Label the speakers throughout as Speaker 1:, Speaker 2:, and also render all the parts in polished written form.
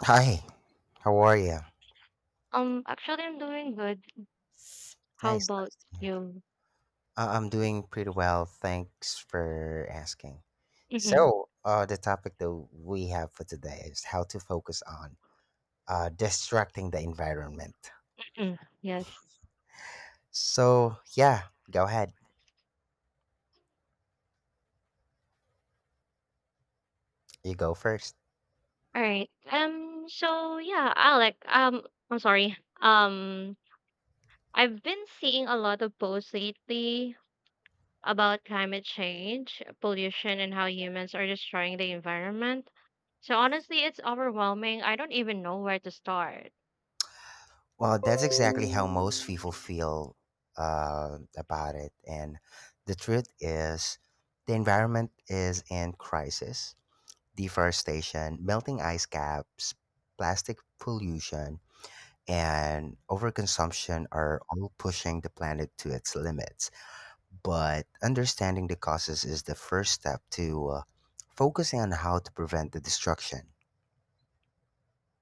Speaker 1: Hi, how are you?
Speaker 2: I'm doing good. How
Speaker 1: Nice,
Speaker 2: about
Speaker 1: nice to hear.
Speaker 2: you?
Speaker 1: I'm doing pretty well. Thanks for asking.
Speaker 2: Mm-hmm.
Speaker 1: So the topic that we have for today is how to focus on distracting the environment.
Speaker 2: Mm, yes.
Speaker 1: So, yeah, go ahead. You go first.
Speaker 2: All right. Alec, I'm sorry. I've been seeing a lot of posts lately about climate change, pollution, and how humans are destroying the environment. So honestly, it's overwhelming. I don't even know where to start.
Speaker 1: Well, that's exactly how most people feel about it. And the truth is, the environment is in crisis: deforestation, melting ice caps, plastic pollution, and overconsumption are all pushing the planet to its limits. But understanding the causes is the first step to focusing on how to prevent the destruction.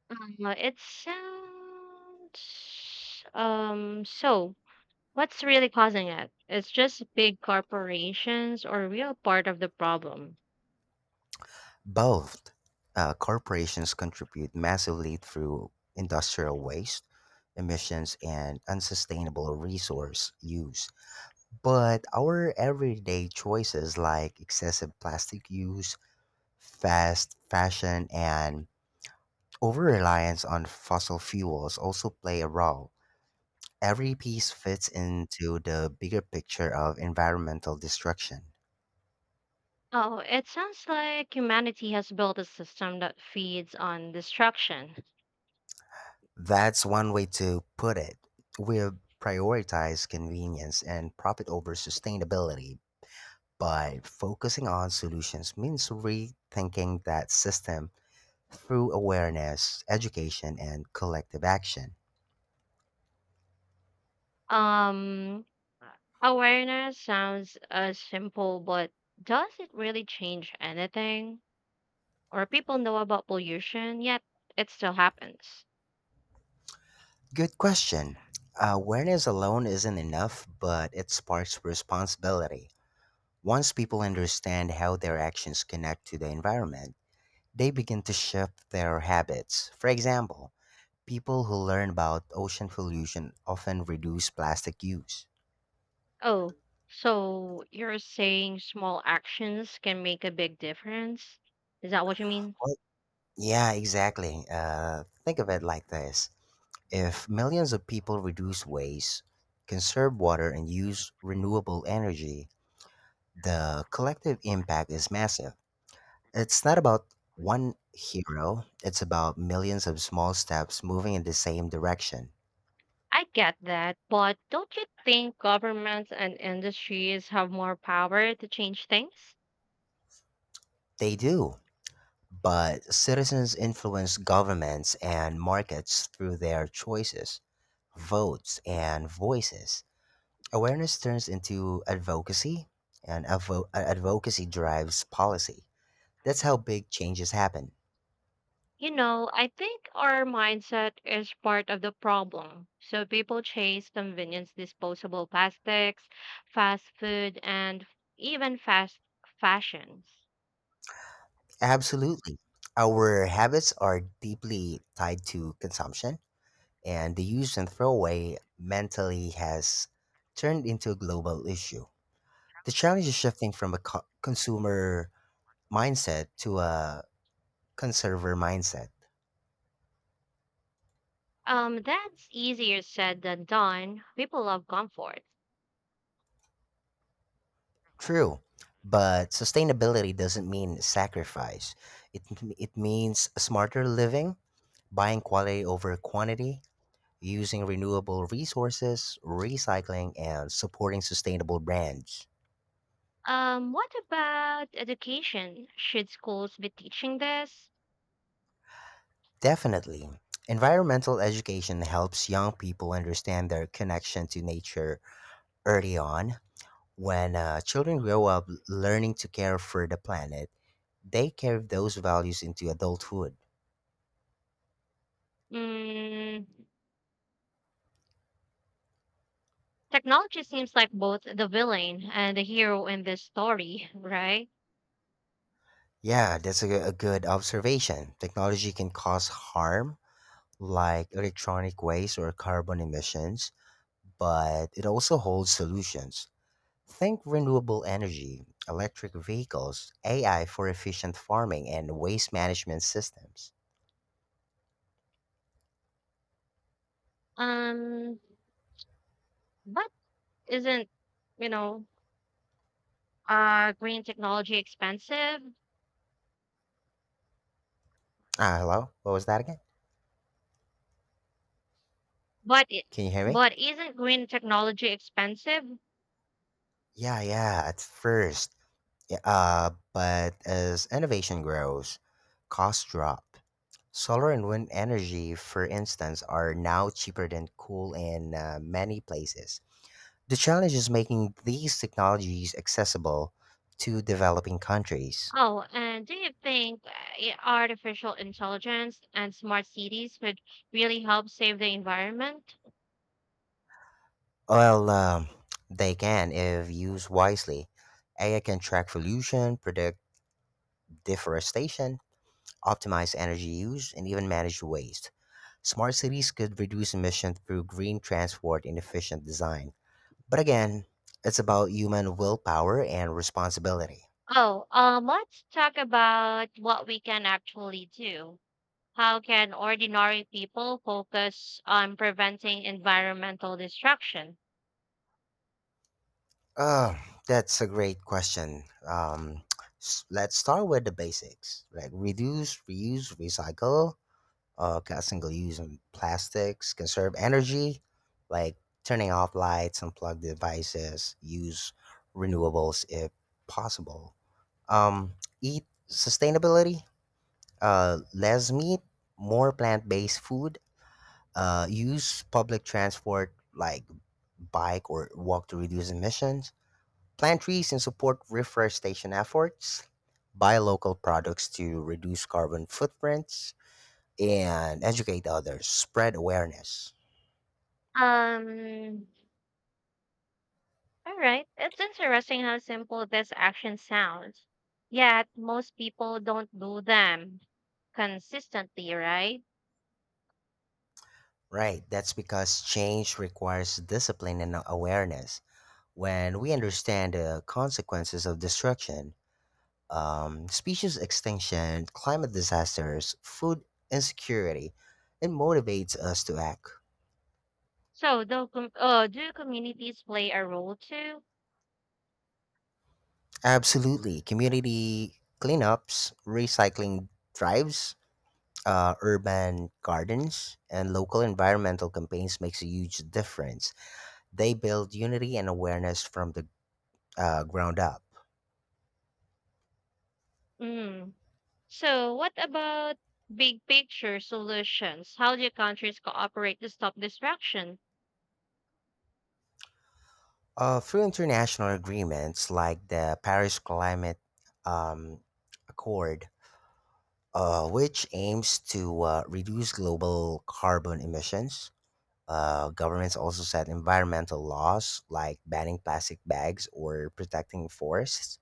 Speaker 2: It sounds so What's really causing it? It's just big corporations or real part of the problem.
Speaker 1: Both corporations contribute massively through industrial waste, emissions, and unsustainable resource use. But our everyday choices like excessive plastic use, fast fashion and over reliance on fossil fuels also play a role. Every piece fits into the bigger picture of environmental destruction.
Speaker 2: Oh, it sounds like humanity has built a system that feeds on destruction.
Speaker 1: That's one way to put it. We prioritize convenience and profit over sustainability, but focusing on solutions means rethinking that system through awareness, education, and collective action.
Speaker 2: Um, Awareness sounds simple, but does it really change anything? Or people know about pollution, yet it still happens.
Speaker 1: Good question. Awareness alone isn't enough, but it sparks responsibility. Once people understand how their actions connect to the environment, they begin to shift their habits. For example, people who learn about ocean pollution often reduce plastic use.
Speaker 2: Oh, so you're saying small actions can make a big difference? Is that what you mean?
Speaker 1: Well, yeah, exactly. Think of it like this: if millions of people reduce waste, conserve water, and use renewable energy, the collective impact is massive. It's not about one hero, it's about millions of small steps moving in the same direction.
Speaker 2: I get that, but don't you think governments and industries have more power to change things?
Speaker 1: They do, but citizens influence governments and markets through their choices, votes, and voices. Awareness turns into advocacy, and advocacy drives policy. That's how big changes happen.
Speaker 2: You know, I think our mindset is part of the problem. So people chase convenience, disposable plastics, fast food, and even fast fashions.
Speaker 1: Absolutely. Our habits are deeply tied to consumption and the use and throwaway mentally has turned into a global issue. The challenge is shifting from a consumer mindset to a conserver mindset.
Speaker 2: That's easier said than done. People love comfort.
Speaker 1: True, but sustainability doesn't mean sacrifice. It, it means smarter living, buying quality over quantity, using renewable resources, recycling, and supporting sustainable brands.
Speaker 2: What about education? Should schools be teaching this?
Speaker 1: Definitely. Environmental education helps young people understand their connection to nature early on. When children grow up learning to care for the planet, they carry those values into adulthood.
Speaker 2: Mm, technology seems like both the villain and the hero in this story, right?
Speaker 1: Yeah, that's a good observation. Technology can cause harm, like electronic waste or carbon emissions, but it also holds solutions. Think renewable energy, electric vehicles, AI for efficient farming, and waste management systems.
Speaker 2: Um, but isn't, you know, green technology expensive?
Speaker 1: Ah, hello? What was that again?
Speaker 2: But it,
Speaker 1: Can you hear me?
Speaker 2: but isn't green technology expensive?
Speaker 1: Yeah, yeah, at first. Yeah, but as innovation grows, costs drop. Solar and wind energy, for instance, are now cheaper than coal in many places. The challenge is making these technologies accessible to developing countries.
Speaker 2: Oh, and do you think i- artificial intelligence and smart cities would really help save the environment?
Speaker 1: Well, they can if used wisely. AI can track pollution, predict deforestation, optimize energy use, and even manage waste. Smart cities could reduce emissions through green transport and efficient design. But again, it's about human willpower and responsibility.
Speaker 2: Oh, let's talk about what we can actually do. How can ordinary people focus on preventing environmental destruction?
Speaker 1: Uh, that's a great question. Let's start with the basics like reduce, reuse, recycle, single-use and plastics, conserve energy, like turning off lights, unplug devices, use renewables if possible. Um, Eat sustainability, less meat, more plant-based food. Use public transport like bike or walk to reduce emissions. Plant trees and support reforestation efforts. Buy local products to reduce carbon footprints and educate others, spread awareness.
Speaker 2: Um, all right. It's interesting how simple this action sounds. Yet, most people don't do them consistently, right?
Speaker 1: Right, that's because change requires discipline and awareness. When we understand the consequences of destruction, species extinction, climate disasters, food insecurity, it motivates us to act.
Speaker 2: So, do communities play a role too?
Speaker 1: Absolutely. Community cleanups, recycling drives, urban gardens, and local environmental campaigns makes a huge difference. They build unity and awareness from the ground up.
Speaker 2: Mm. So, what about big picture solutions? How do countries cooperate to stop destruction?
Speaker 1: Through international agreements like the Paris Climate um, Accord, which aims to reduce global carbon emissions, governments also set environmental laws like banning plastic bags or protecting forests.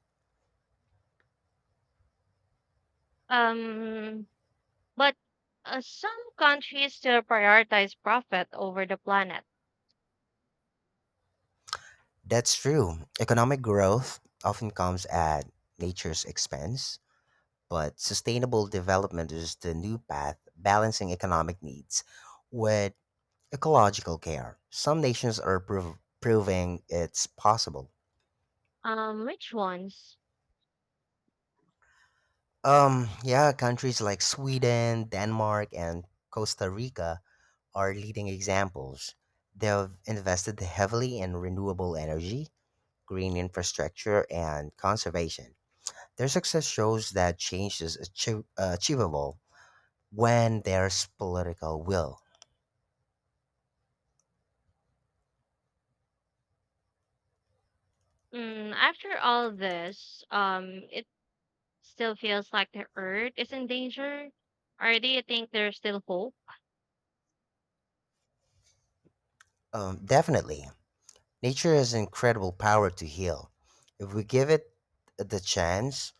Speaker 2: Um, But some countries still prioritize profit over the planet.
Speaker 1: That's true. Economic growth often comes at nature's expense, but sustainable development is the new path, balancing economic needs with ecological care. Some nations are proving it's possible.
Speaker 2: Which ones?
Speaker 1: Yeah, countries like Sweden, Denmark, and Costa Rica are leading examples. They've invested heavily in renewable energy, green infrastructure, and conservation. Their success shows that change is achievable when there's political will.
Speaker 2: Mm, after all this, it still feels like the Earth is in danger. Or do you think there's still hope?
Speaker 1: Definitely, nature has incredible power to heal. If we give it the chance,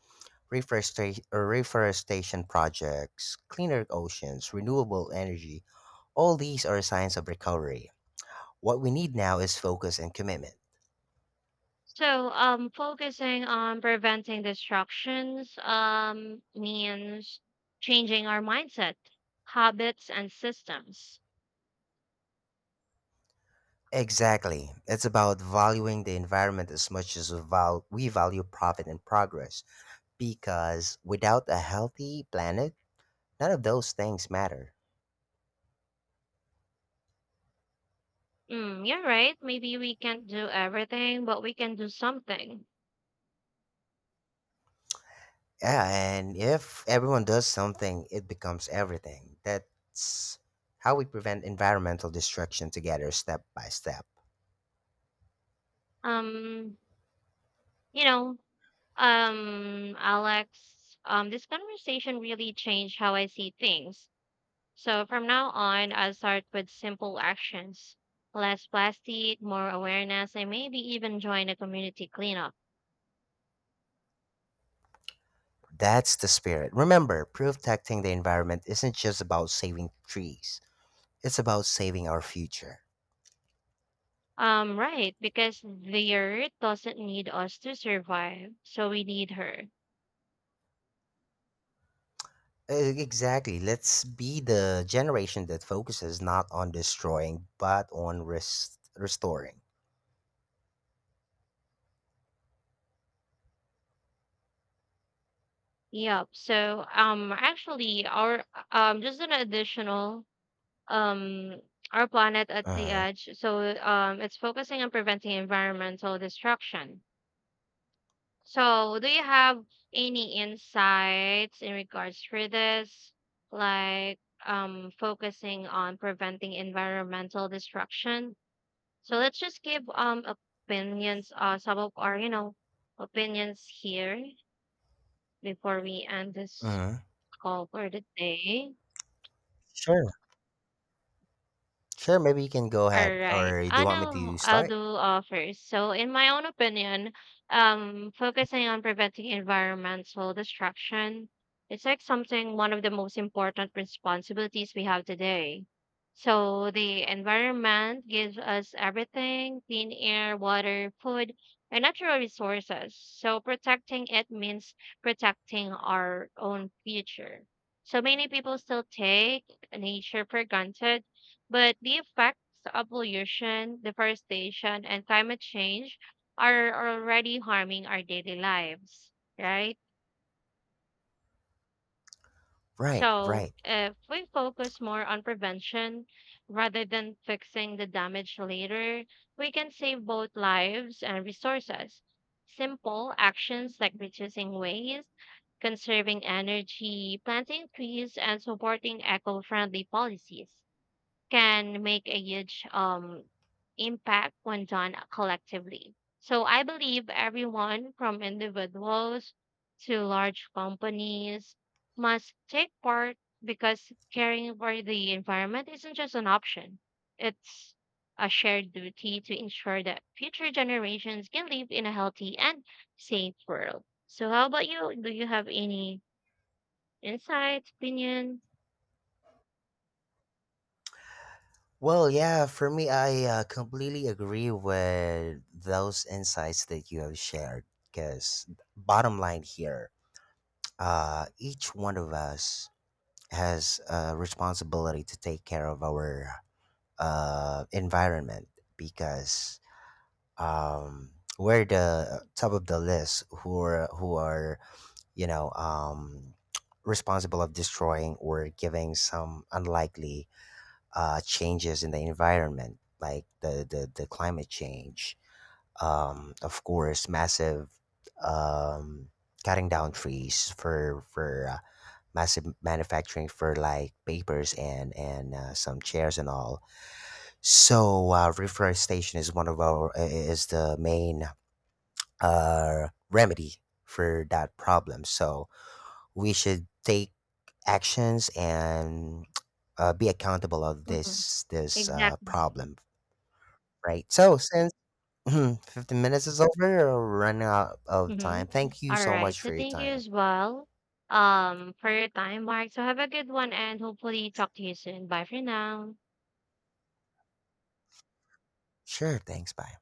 Speaker 1: reforestation projects, cleaner oceans, renewable energy, all these are signs of recovery. What we need now is focus and commitment.
Speaker 2: Focusing on preventing destructions, means changing our mindset, habits, and systems.
Speaker 1: Exactly. It's about valuing the environment as much as we value profit and progress, because without a healthy planet, none of those things matter.
Speaker 2: Mm, you're right. Maybe we can't do everything, but we can do something.
Speaker 1: Yeah, and if everyone does something, it becomes everything. That's how we prevent environmental destruction together, step by step.
Speaker 2: Um, you know, Alex, this conversation really changed how I see things. So from now on, I'll start with simple actions. Less plastic, more awareness, and maybe even join a community cleanup.
Speaker 1: That's the spirit. Remember, protecting the environment isn't just about saving trees, it's about saving our future.
Speaker 2: Right, because the earth doesn't need us to survive, so we need her.
Speaker 1: Exactly. Let's be the generation that focuses not on destroying, but on restoring.
Speaker 2: Yep. So actually our just an additional um our planet at the
Speaker 1: Uh huh.
Speaker 2: edge. It's focusing on preventing environmental destruction. So, do you have any insights in regards for this, like focusing on preventing environmental destruction? So let's just give opinions, some of our you know opinions here before we end
Speaker 1: Uh
Speaker 2: this
Speaker 1: huh.
Speaker 2: call for the day.
Speaker 1: Sure. Sure. Maybe you can go ahead,
Speaker 2: Alright.
Speaker 1: or do
Speaker 2: I
Speaker 1: you want me
Speaker 2: know
Speaker 1: to
Speaker 2: I'll
Speaker 1: start?
Speaker 2: do, uh, first. So in my own opinion, focusing on preventing environmental destruction, it's like something one of the most important responsibilities we have today. So the environment gives us everything, clean air, water, food, and natural resources. So protecting it means protecting our own future. So many people still take nature for granted, but the effects of pollution, deforestation, and climate change are already harming our daily lives, right?
Speaker 1: Right,
Speaker 2: So,
Speaker 1: right.
Speaker 2: if we focus more on prevention rather than fixing the damage later, we can save both lives and resources. Simple actions like reducing waste, conserving energy, planting trees, and supporting eco friendly policies can make a huge impact when done collectively. So I believe everyone from individuals to large companies must take part because caring for the environment isn't just an option. It's a shared duty to ensure that future generations can live in a healthy and safe world. So how about you? Do you have any insights, opinion?
Speaker 1: Well, yeah, for me, I completely agree with those insights that you have shared. Because, bottom line here, each one of us has a responsibility to take care of our environment because um, we're the top of the list who are you know, responsible of destroying or giving some unlikely changes in the environment, like the climate change. Of course, massive um, cutting down trees for massive manufacturing for like papers and some chairs and all. So reforestation is one of our I- is the main remedy for that problem. So we should take actions and be accountable of
Speaker 2: Mhm.
Speaker 1: this
Speaker 2: Exactly.
Speaker 1: problem. Right. So since 15 minutes is over, we're running out of time.
Speaker 2: Mm-hmm.
Speaker 1: Thank you
Speaker 2: All
Speaker 1: so
Speaker 2: right.
Speaker 1: much
Speaker 2: So
Speaker 1: for your
Speaker 2: thank you
Speaker 1: time.
Speaker 2: as well for your time, Mark. So have a good one and hopefully talk to you soon. Bye for now.
Speaker 1: Sure. Thanks. Bye.